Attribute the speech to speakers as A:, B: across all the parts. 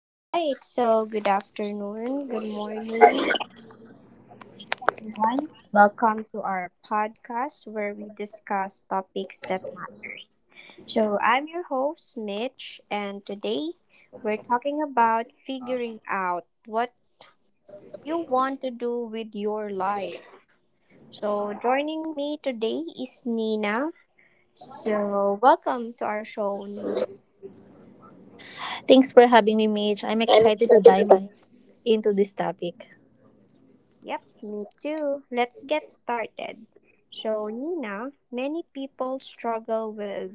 A: All right, so good afternoon, good morning, everyone. Welcome to our podcast where we discuss topics that matter. So, I'm your host, Mitch, and today we're talking about figuring out what you want to do with your life. So, joining me today is Nina. So, welcome to our show. Nina.
B: Thanks for having me, Mitch. I'm excited to dive into this topic.
A: Yep, me too. Let's get started. So, Nina, many people struggle with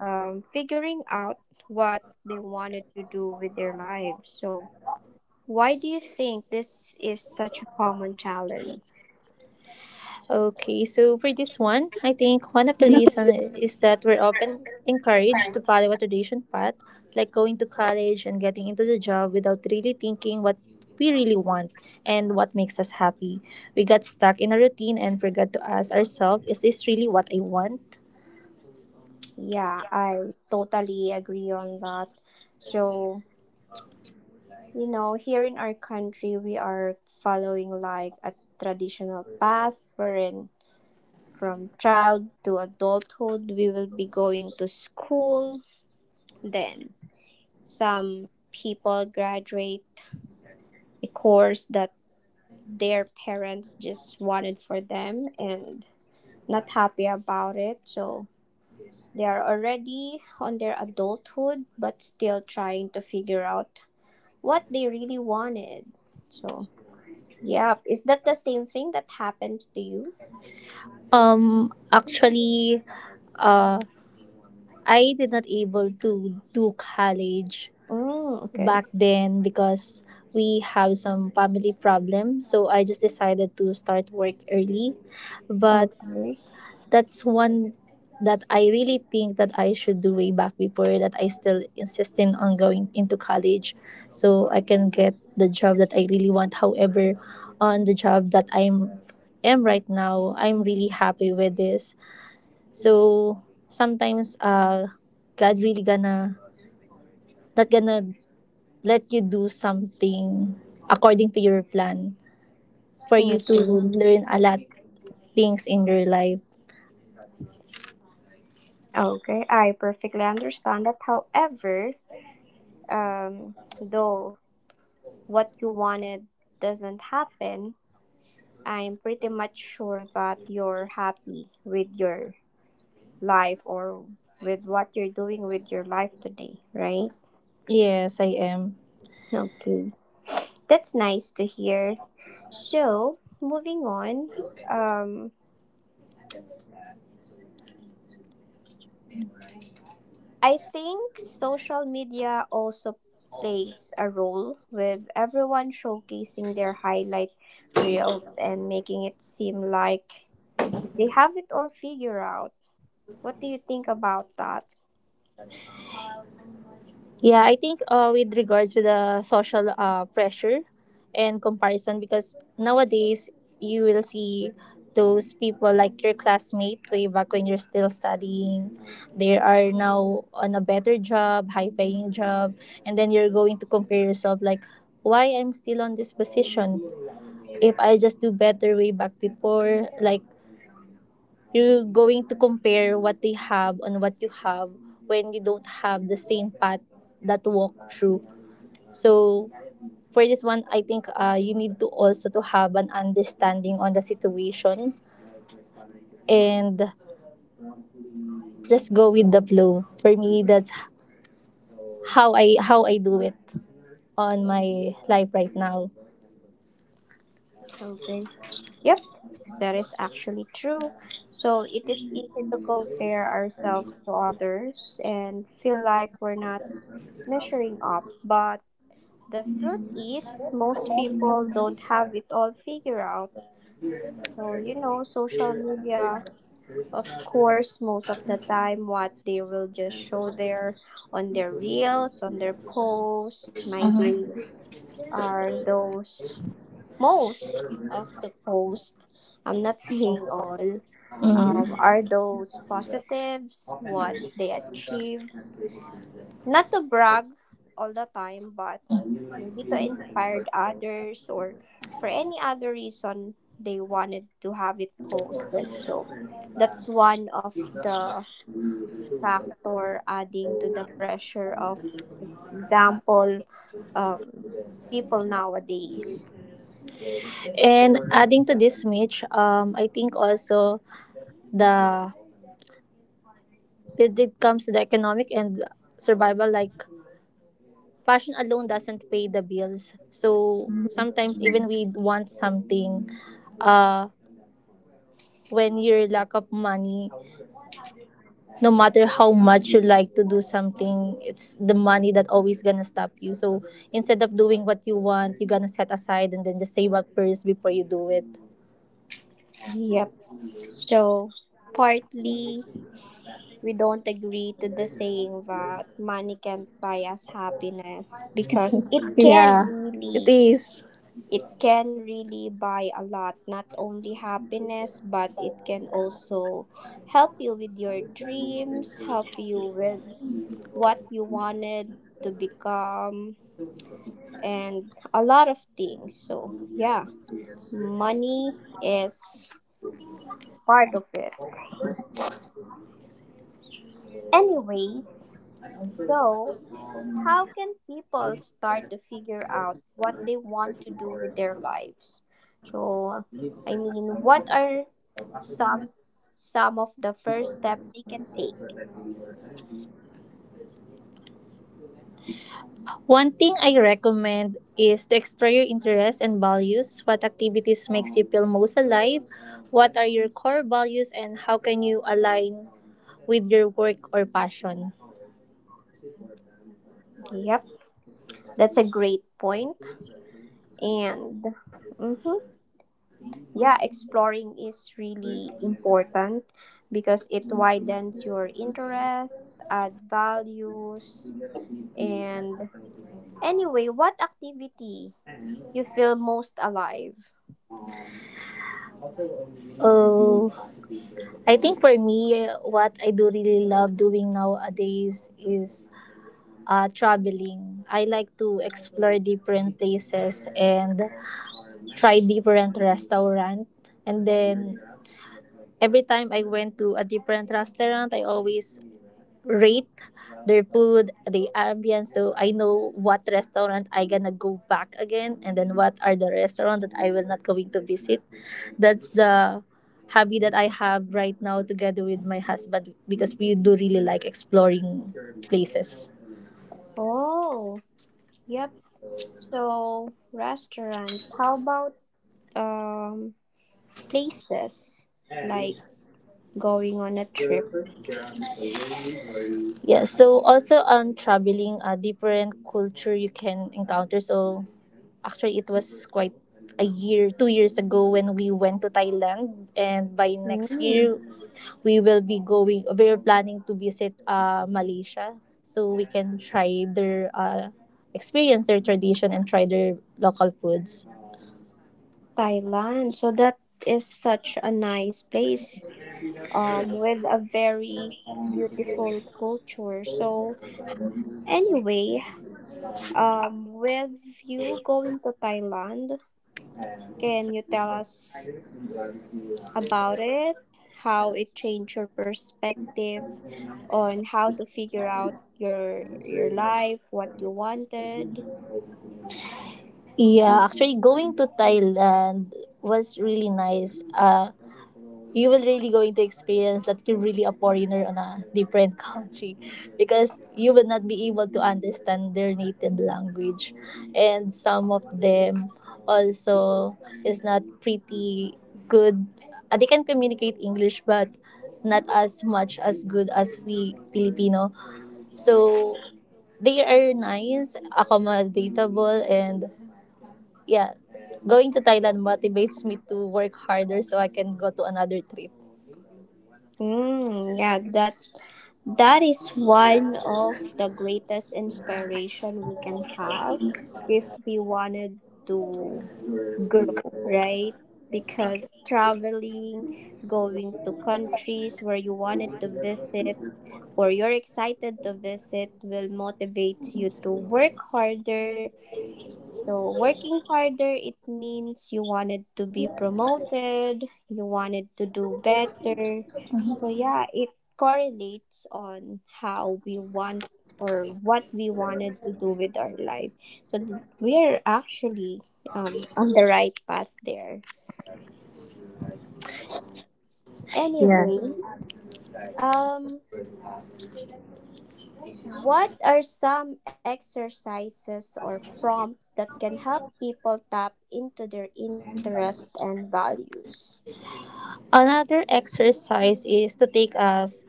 A: figuring out what they wanted to do with their lives. So, why do you think this is such a common challenge?
B: Okay, so for this one, I think one of the reason is that we're often encouraged to follow a tradition path, like going to college and getting into the job without really thinking what we really want and what makes us happy. We got stuck in a routine and forgot to ask ourselves, is this really what I want?
A: Yeah, I totally agree on that. So, you know, here in our country, we are following like a traditional path wherein from child to adulthood, we will be going to school. Then, some people graduate a course that their parents just wanted for them and not happy about it. So, they are already on their adulthood but still trying to figure out what they really wanted. So, yeah, is that the same thing that happened to you?
B: Um, actually, uh, I did not able to do college
A: Mm, okay.
B: back then because we have some family problem, so I just decided to start work early, but
A: Okay.
B: that's one that I really think that I should do way back before. That I still insisting on going into college so I can get the job that I really want. However, on the job that I'm am right now, I'm really happy with this. So sometimes god really gonna, not gonna, let you do something according to your plan, for you to
A: Okay.
B: learn a lot things in your life.
A: Okay. I perfectly understand that. However, um, though what you wanted doesn't happen, I'm pretty much sure that you're happy with your life or with what you're doing with your life today, right?
B: Yes, I am.
A: Okay. That's nice to hear. So, moving on, um, I think social media also plays a role with everyone showcasing their highlight reels and making it seem like they have it all figured out. What do you think about that?
B: Yeah, I think with regards with the social pressure and comparison, because nowadays you will see those people like your classmate way back when you're still studying. They are now on a better job, high paying job, and then you're going to compare yourself like, why I'm still on this position? If I just do better way back before, like you're going to compare what they have and what you have when you don't have the same path that walk through. So for this one, I think you need to also to have an understanding on the situation and just go with the flow. For me, that's how I do it on my life right now.
A: Okay. Yep, that is actually true. So it is easy to compare ourselves to others and feel like we're not measuring up. But the truth is, most people don't have it all figured out. So, you know, social media, of course, most of the time, what they will just show there on their reels, on their posts, my
B: Mhm.
A: days are those most of the posts, I'm not saying all,
B: Mhm.
A: are those positives, what they achieve. Not to brag all the time, but maybe to inspire others or for any other reason they wanted to have it posted. So that's one of the factor adding to the pressure of example um, people nowadays.
B: And adding to this, Mitch, I think also the when it comes to the economic and survival, like fashion alone doesn't pay the bills. So
A: Mhm.
B: sometimes even we want something, uh, when your lack of money, no matter how much you like to do something, it's the money that always gonna stop you. So instead of doing what you want, you gonna set aside and then just save up first before you do it.
A: Yep. So partly we don't agree to the saying that money can't buy us happiness because
B: It is.
A: it can really buy a lot, not only happiness, but it can also help you with your dreams, help you with what you wanted to become, and a lot of things. So yeah, money is part of it anyways. So how can people start to figure out what they want to do with their lives? So, I mean, what are some of the first step they can take?
B: One thing I recommend is to explore your interests and values. What activities makes you feel most alive? What are your core values and how can you align with your work or passion?
A: Yep, that's a great point. And mm-hmm, yeah, exploring is really important because it widens your interest, add values, and anyway, what activity you feel most alive?
B: Oh, I think for me, what I do really love doing nowadays is traveling. I like to explore different places and try different restaurants. And then every time I went to a different restaurant, I always rate their food, the ambience, so I know what restaurant I gonna go back again, and then what are the restaurant that I will not going to visit. That's the hobby that I have right now together with my husband because we do really like exploring places.
A: Oh, yep. So restaurant. How about um places like going on a trip?
B: Yeah, so also on traveling, a different culture you can encounter. So actually, it was quite a year, 2 years ago when we went to Thailand, and by next
A: Mm,
B: year we will be going, we're planning to visit Malaysia so we can try their experience their tradition and try their local foods.
A: Thailand. So that is such a nice place. With a very beautiful culture. So anyway, with you going to Thailand, can you tell us about it, how it changed your perspective on how to figure out your life, what you wanted.
B: Yeah, actually going to Thailand was really nice. You will really going to experience that you're really a foreigner on a different country because you will not be able to understand their native language, and some of them also is not pretty good. They can communicate english but not as much as good as we filipino. So they are nice accommodatable, and yeah, going to Thailand motivates me to work harder so I can go to another trip.
A: Mm, yeah, that that is one of the greatest inspiration we can have if we wanted to grow, right? Because traveling, going to countries where you wanted to visit or you're excited to visit will motivate you to work harder. So, working harder, it means you wanted to be promoted, you wanted to do better. So, yeah, it correlates on how we want or what we wanted to do with our life. So, we're actually on the right path there.
B: Yeah.
A: Anyway, um, what are some exercises or prompts that can help people tap into their interests and values?
B: Another exercise is to take a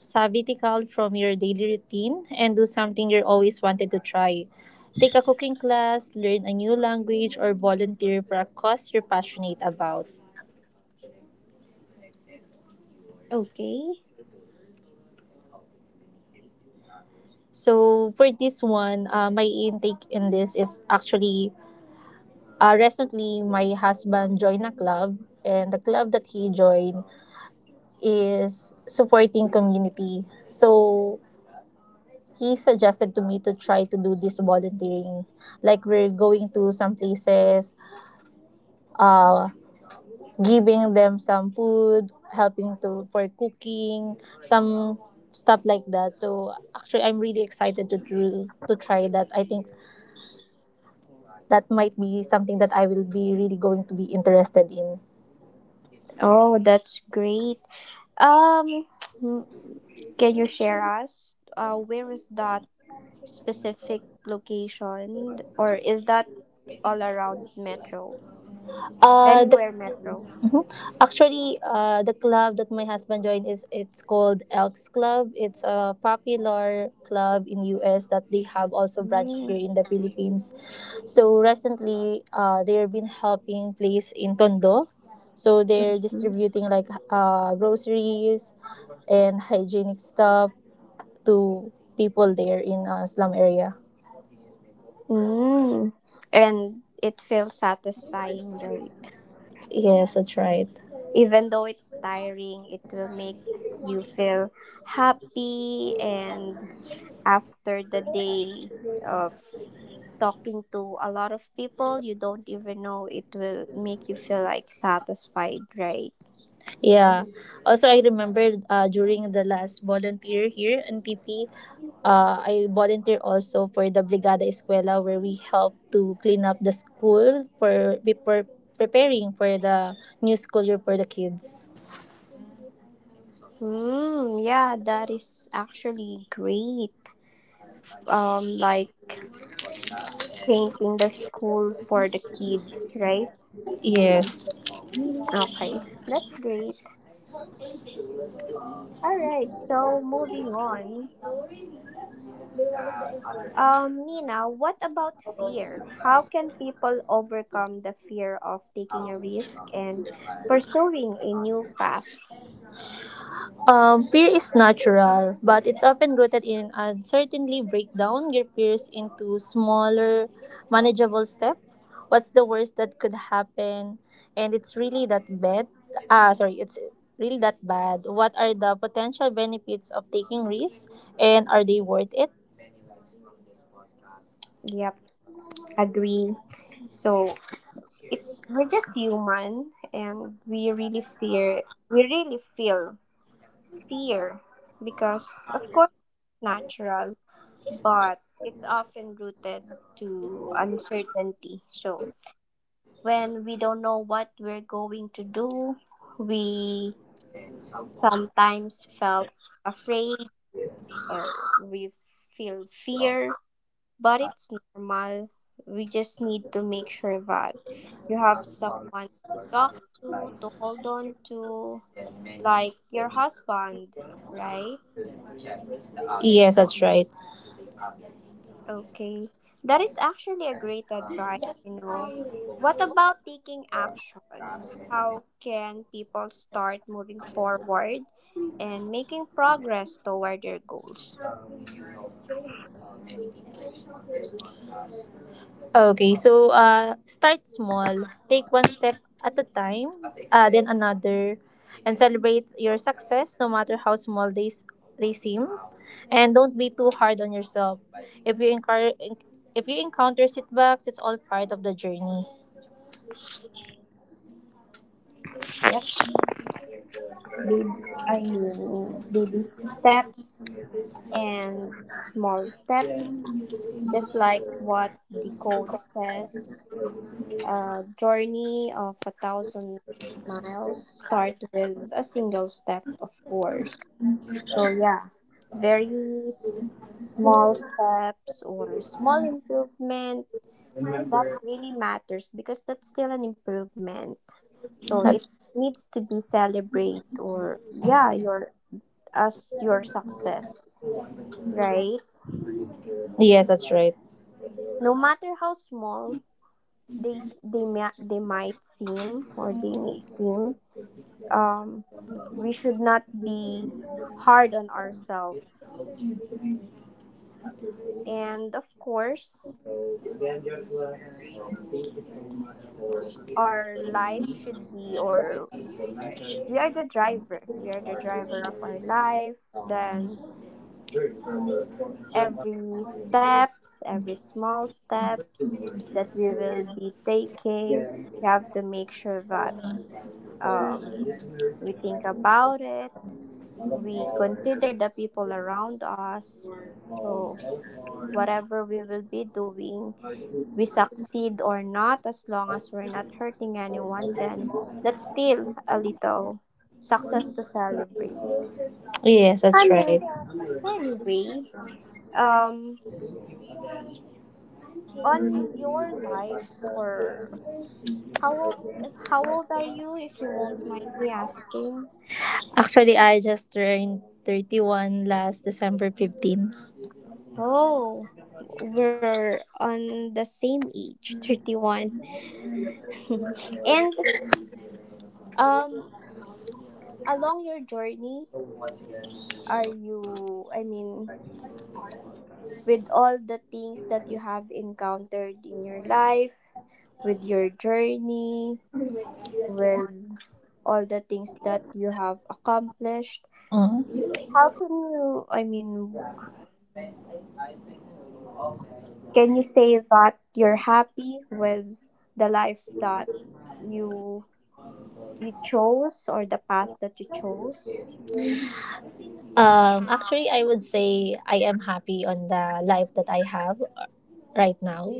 B: sabbatical from your daily routine and do something you always wanted to try. Take a cooking class, learn a new language, or volunteer for a cause you're passionate about.
A: Okay.
B: So for this one, my intake in this is actually, recently my husband joined a club, and the club that he joined is supporting community. So he suggested to me to try to do this volunteering. Like we're going to some places, uh, giving them some food, helping to for cooking, some stuff like that. So actually, I'm really excited to do, to try that. I think that might be something that I will be really going to be interested in.
A: Oh, that's great. Um, can you share us where is that specific location or is that all around Metro?
B: The
A: Anywhere Metro.
B: Actually, the club that my husband joined is it's called Elks Club. It's a popular club in US that they have also branch
A: Mm.
B: here in the Philippines. So recently, they've been helping place in Tondo. So they're distributing like groceries and hygienic stuff to people there in slum area.
A: Mm. And it feels satisfying, right?
B: Yes, that's right.
A: Even though it's tiring, it will makes you feel happy, and after the day of talking to a lot of people you don't even know, it will make you feel like satisfied, right?
B: Yeah. Also, I remember during the last volunteer here in TP, I volunteer also for the Brigada Escuela where we help to clean up the school for, before preparing for the new school year for the kids.
A: Mm, yeah, that is actually great, like painting the school for the kids, right?
B: Yes.
A: Okay. That's great. All right, so moving on. Nina, what about fear? How can people overcome the fear of taking a risk and pursuing a new path?
B: Fear is natural, but it's often rooted in uncertainty. Break down your fears into smaller, manageable steps. What's the worst that could happen? And it's really that bad. Ah, sorry, it's really that bad. What are the potential benefits of taking risks, and are they worth it?
A: Yep, agree. So it's, we're just human and we really fear, we really feel fear, because of course it's natural, but it's often rooted to uncertainty. So when we don't know what we're going to do, we sometimes felt afraid, or we feel fear. But it's normal. We just need to make sure that you have someone to talk to hold on to, like your husband, right?
B: Yes, that's right.
A: Okay. That is actually a great advice, you know. What about taking action? How can people start moving forward and making progress toward their goals?
B: Okay, so start small. Take one step at a time, then another, and celebrate your success no matter how small they seem. And don't be too hard on yourself. If you encounter if you encounter setbacks, it's all part of the journey.
A: That's baby, I mean, baby steps and small steps, just like what the quote says. A journey of a thousand miles start with a single step, of course. So yeah, very s- small steps or small improvement that really matters because that's still an improvement. So
B: That-
A: it needs to be celebrate or yeah, your as your success, right?
B: yes, that's right.
A: No matter how small they they may, they might seem or they may seem, um, we should not be hard on ourselves. And of course, our life should be or we are the driver. We are the driver of our life. Then every steps, every small steps that we will be taking, we have to make sure that um we think about it, we consider the people around us. So, whatever we will be doing, we succeed or not, as long as we're not hurting anyone, then that's still a little success to celebrate.
B: Yes, that's right.
A: Any- Anyway, um, on your life, or how old, how old are you, if you won't mind me asking?
B: Actually, I just turned 31 last December 15.
A: Oh, we're on the same age, 31. And um along your journey, are you, I mean, with all the things that you have encountered in your life, with your journey, with all the things that you have accomplished, how can you, I mean, can you say that you're happy with the life that you chose, or the path that you chose?
B: Actually, I would say I am happy on the life that I have right now.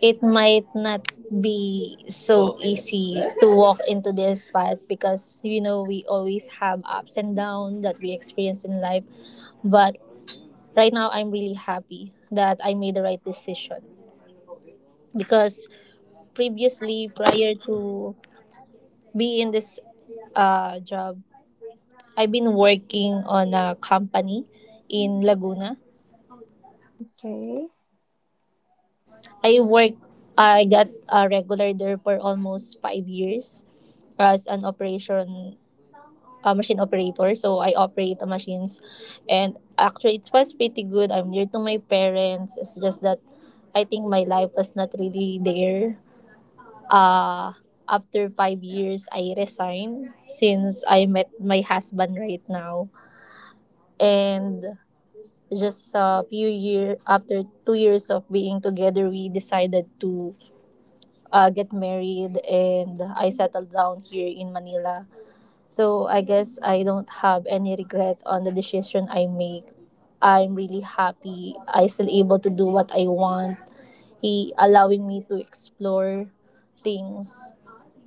B: It might not be so easy to walk into this path because you know we always have ups and downs that we experience in life. But right now, I'm really happy that I made the right decision because previously, prior to be in this job, I've been working on a company in Laguna.
A: Okay.
B: I worked, I got a regular there for almost 5 years as an operation, a machine operator. So I operate the machines. And actually, it was pretty good. I'm near to my parents. It's just that I think my life was not really there. Uh, after 5 years, I resigned since I met my husband right now. And just a few years after 2 years of being together, we decided to get married and I settled down here in Manila. So I guess I don't have any regret on the decision I make. I'm really happy. I still able to do what I want. He allowing me to explore things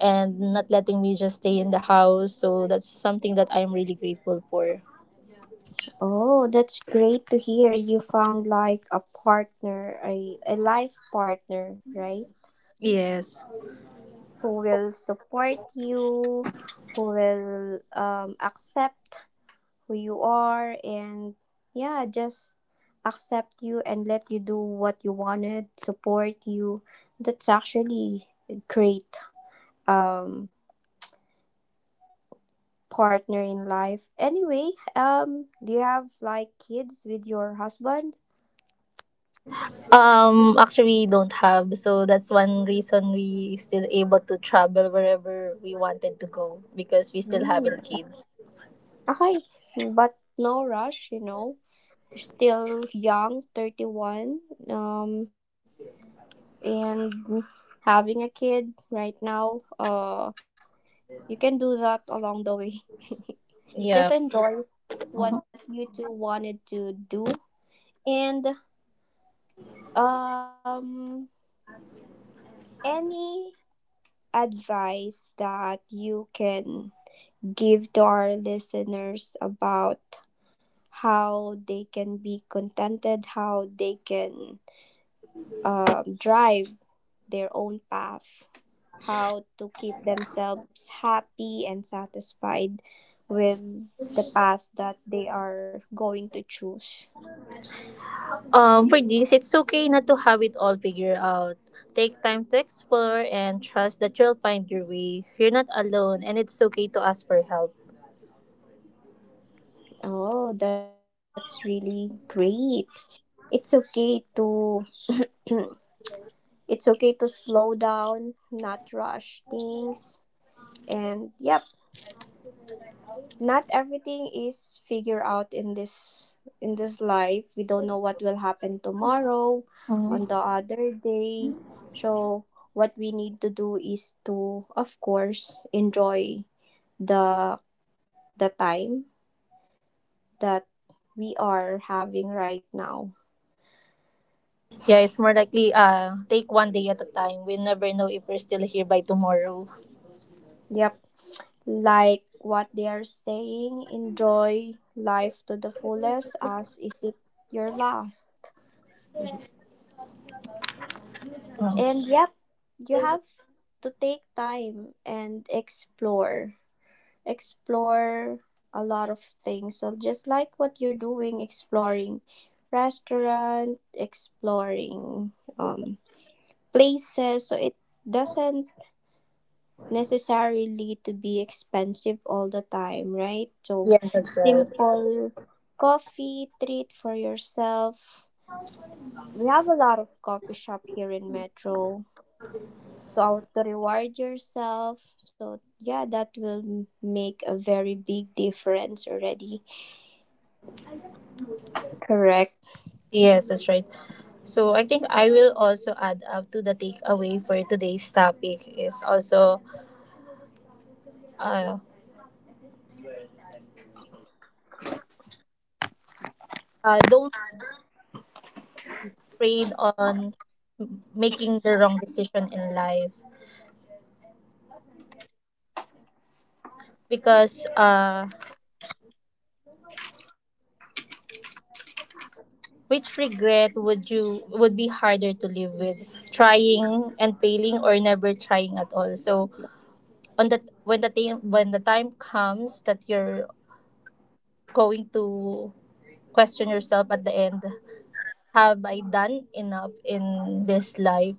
B: and not letting me just stay in the house. So that's something that I'm really grateful for.
A: Oh, that's great to hear. You found like a partner, a life partner, right?
B: Yes.
A: Who will support you, who will accept who you are, and yeah, just accept you and let you do what you wanted, support you. That's actually a great um, partner in life. Anyway, do you have like kids with your husband?
B: Actually, don't have. So that's one reason we still able to travel wherever we wanted to go because we still haven't kids.
A: Okay, but no rush, you know. You're still young, 31, um, and having a kid right now, you can do that along the way.
B: Yeah.
A: Just enjoy what you two wanted to do. And um, any advice that you can give to our listeners about how they can be contented, how they can drive their own path, how to keep themselves happy and satisfied with the path that they are going to choose.
B: For this, it's okay not to have it all figured out. Take time to explore and trust that you'll find your way. You're not alone, and it's okay to ask for help.
A: Oh, that's really great. It's okay to it's okay to slow down, not rush things. And yep, not everything is figured out in this, in this life. We don't know what will happen tomorrow on
B: Mhm.
A: the other day. So what we need to do is to of course enjoy the the time that we are having right now.
B: Yeah, it's more likely. Take one day at a time. We never know if we're still here by tomorrow.
A: Yep, like what they are saying, enjoy life to the fullest as is it your last. And yep, you have to take time and explore. Explore a lot of things. So just like what you're doing, exploring restaurant, exploring um places. So it doesn't necessarily to be expensive all the time, right? So
B: Yes, that's right.
A: simple coffee treat for yourself. We have a lot of coffee shop here in Metro to, to reward yourself. So, yeah, that will make a very big difference already. Correct.
B: Yes, that's right. So I think I will also add up to the takeaway for today's topic is also uh, don't afraid on making the wrong decision in life, because which regret would you would be harder to live with, trying and failing or never trying at all. So on the, when the time comes that you're going to question yourself at the end, have I done enough in this life?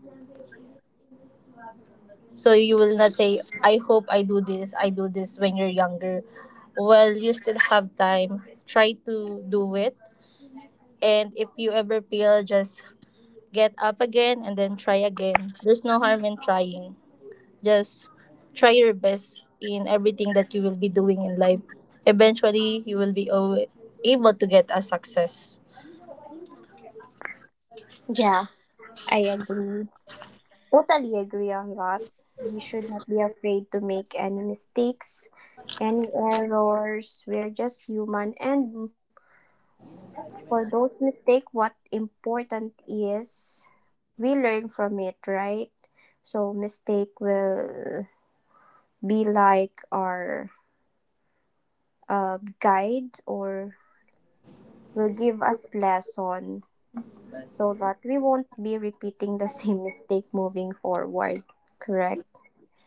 B: So you will not say, I hope I do this when you're younger. Well, you still have time. Try to do it. And if you ever feel, just get up again and then try again. There's no harm in trying. Just try your best in everything that you will be doing in life. Eventually, you will be able to get a success.
A: Yeah, I agree. Totally agree on that. We should not be afraid to make any mistakes, any errors. We are just human. And for those mistakes, what important is we learn from it, right? So, mistake will be like our guide or will give us lesson so that we won't be repeating the same mistake moving forward. Correct?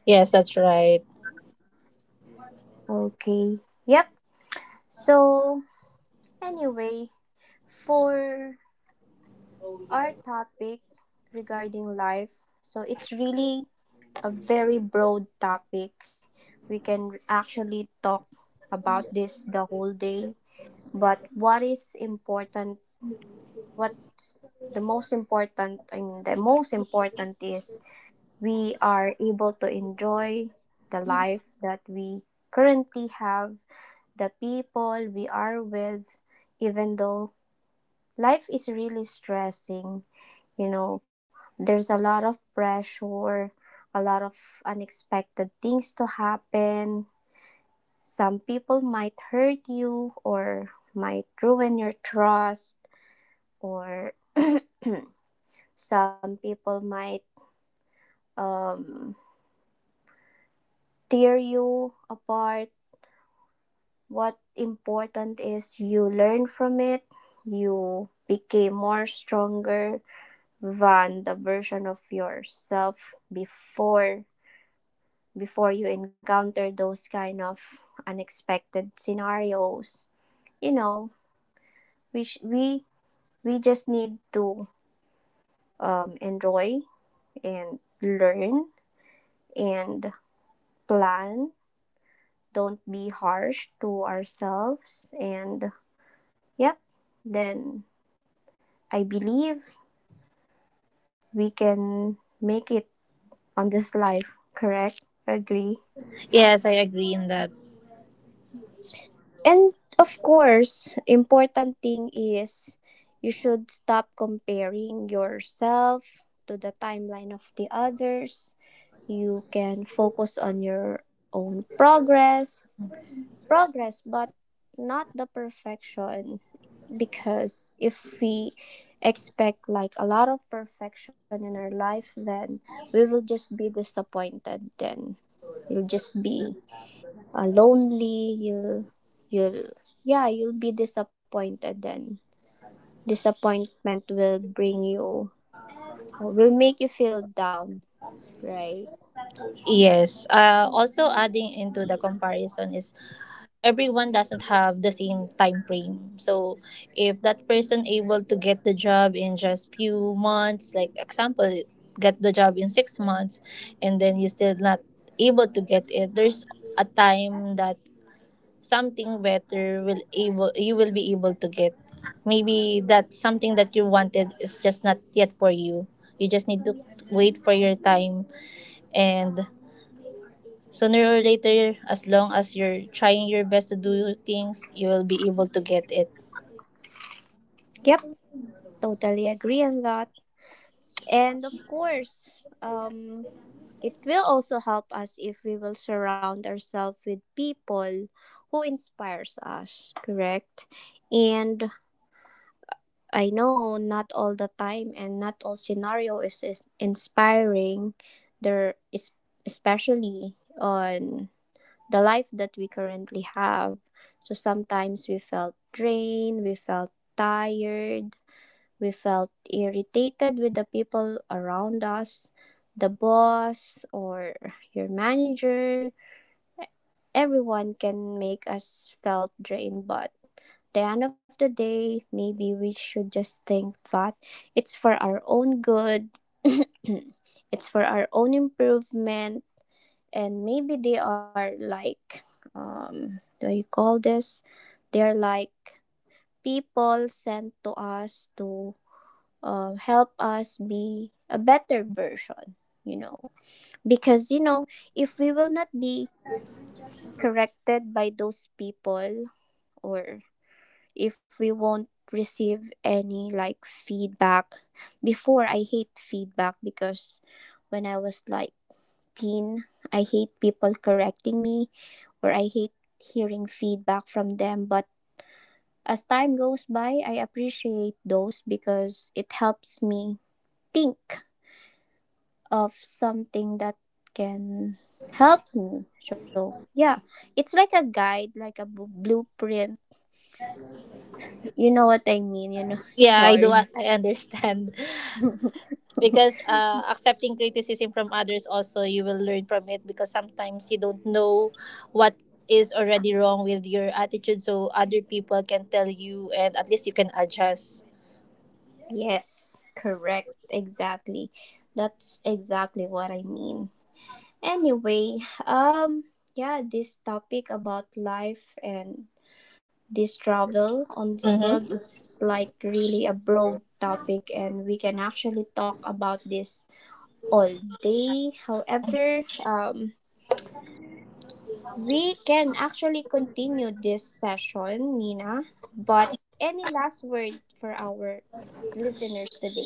B: Yes, that's right.
A: Okay. Yep. So, anyway, for our topic regarding life, so it's really a very broad topic. We can actually talk about this the whole day. But what is important, what's the most important, I mean, the most important is we are able to enjoy the life that we currently have, the people we are with, even though life is really stressing. You know, there's a lot of pressure, a lot of unexpected things to happen. Some people might hurt you or might ruin your trust, or some people might um, tear you apart. What important is you learn from it, you became more stronger than the version of yourself before, before you encounter those kind of unexpected scenarios. You know, we sh- we we just need to enjoy and learn and plan, don't be harsh to ourselves, and yep, then I believe we can make it on this life, correct? Agree.
B: Yes, I agree in that.
A: And of course, important thing is you should stop comparing yourself to the timeline of the others. You can focus on your own progress but not the perfection, because if we expect like a lot of perfection in our life, then we will just be disappointed, then you'll just be lonely, you'll yeah, you'll be disappointed, then disappointment will bring you or will make you feel down, right?
B: Yes. Also adding into the comparison is everyone doesn't have the same time frame. So if that person able to get the job in just few months, like example, get the job in 6 months, and then you still not able to get it, there's a time that something better will able you will be able to get. Maybe that something that you wanted is just not yet for you. You just need to wait for your time and sooner or later, as long as you're trying your best to do things, you will be able to get it.
A: Yep, totally agree on that. And of course, um it will also help us if we will surround ourselves with people who inspires us, correct? And I know not all the time and not all scenario is inspiring, there is, especially on the life that we currently have. So sometimes we felt drained, we felt tired, we felt irritated with the people around us, the boss or your manager. Everyone can make us felt drained, but the end of the day, maybe we should just think that it's for our own good. It's for our own improvement, and maybe they are like, do you call this? They are like people sent to us to help us be a better version, you know. Because, you know, if we will not be corrected by those people or if we won't receive any like feedback, before I hate feedback because when I was like teen, I hate people correcting me or I hate hearing feedback from them, but as time goes by I appreciate those because it helps me think of something that can help me. So yeah, it's like a guide, like a blueprint. You know what I mean? You know.
B: Yeah, I do.
A: Sorry.
B: I understand. Because accepting criticism from others also you will learn from it because sometimes you don't know what is already wrong with your attitude, so other people can tell you and at least you can adjust.
A: Yes, correct. Exactly. That's exactly what I mean. Anyway, um yeah, this topic about life and this travel on this world
B: Mm-hmm.
A: is like really a broad topic and we can actually talk about this all day. However, we can actually continue this session, Nina. But any last word for our listeners today?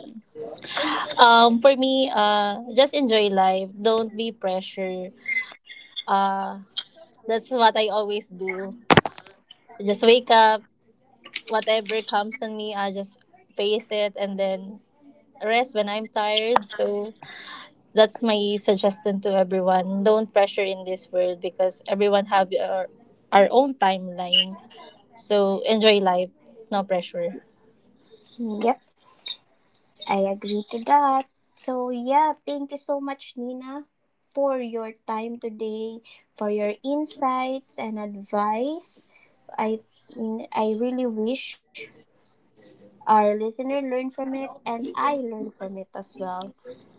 B: For me, just enjoy life, don't be pressure. uh that's what I always do. Just wake up, whatever comes on me, I just face it and then rest when I'm tired. So that's my suggestion to everyone. Don't pressure in this world because everyone have our own timeline. So enjoy life, no pressure.
A: Yep, I agree to that. So, yeah, thank you so much, Nina, for your time today, for your insights and advice. I, I really wish our listener learned from it and I learned from it as well.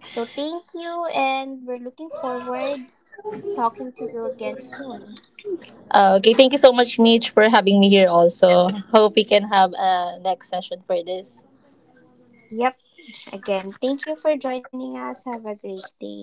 A: So, thank you, and we're looking forward talking to you again soon.
B: Okay, thank you so much, Mitch, for having me here also. Hope we can have a next session for this.
A: Yep. Again, thank you for joining us. Have a great day.